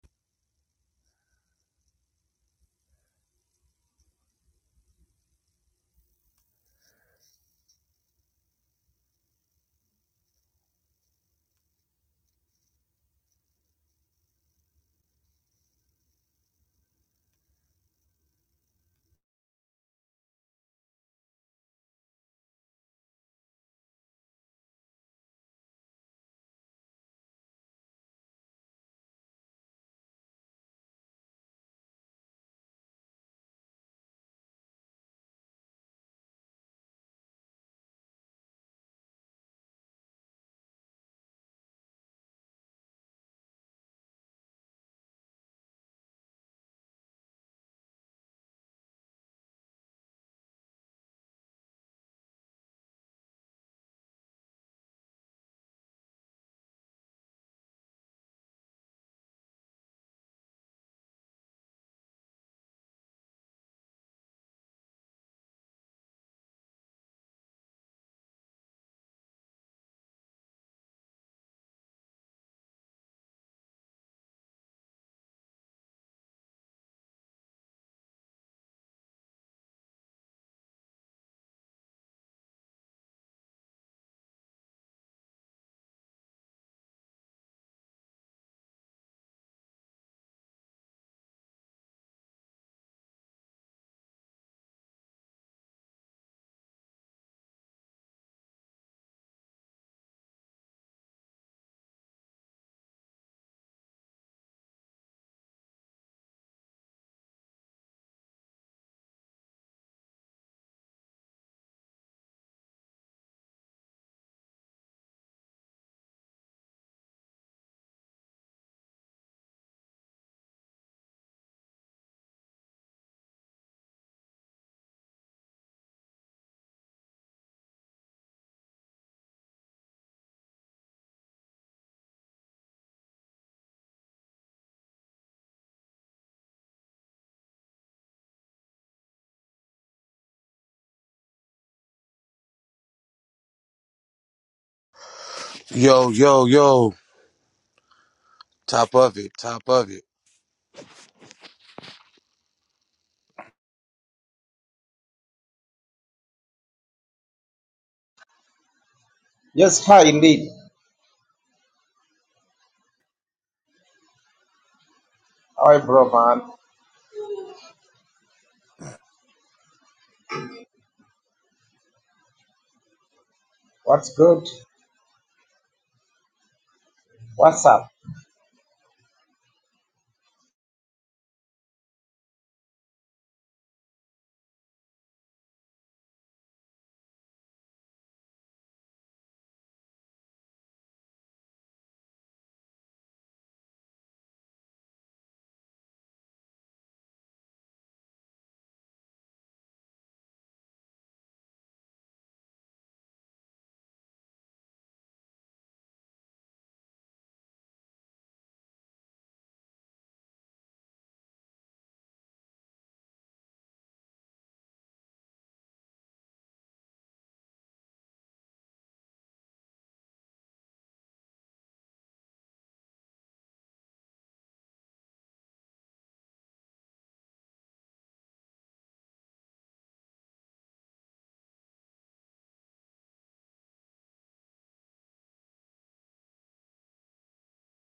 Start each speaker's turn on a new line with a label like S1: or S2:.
S1: Yo, yo, yo. Top of it. Top of it.
S2: Yes, hi, indeed. Hi, bro, man. What's good? What's up?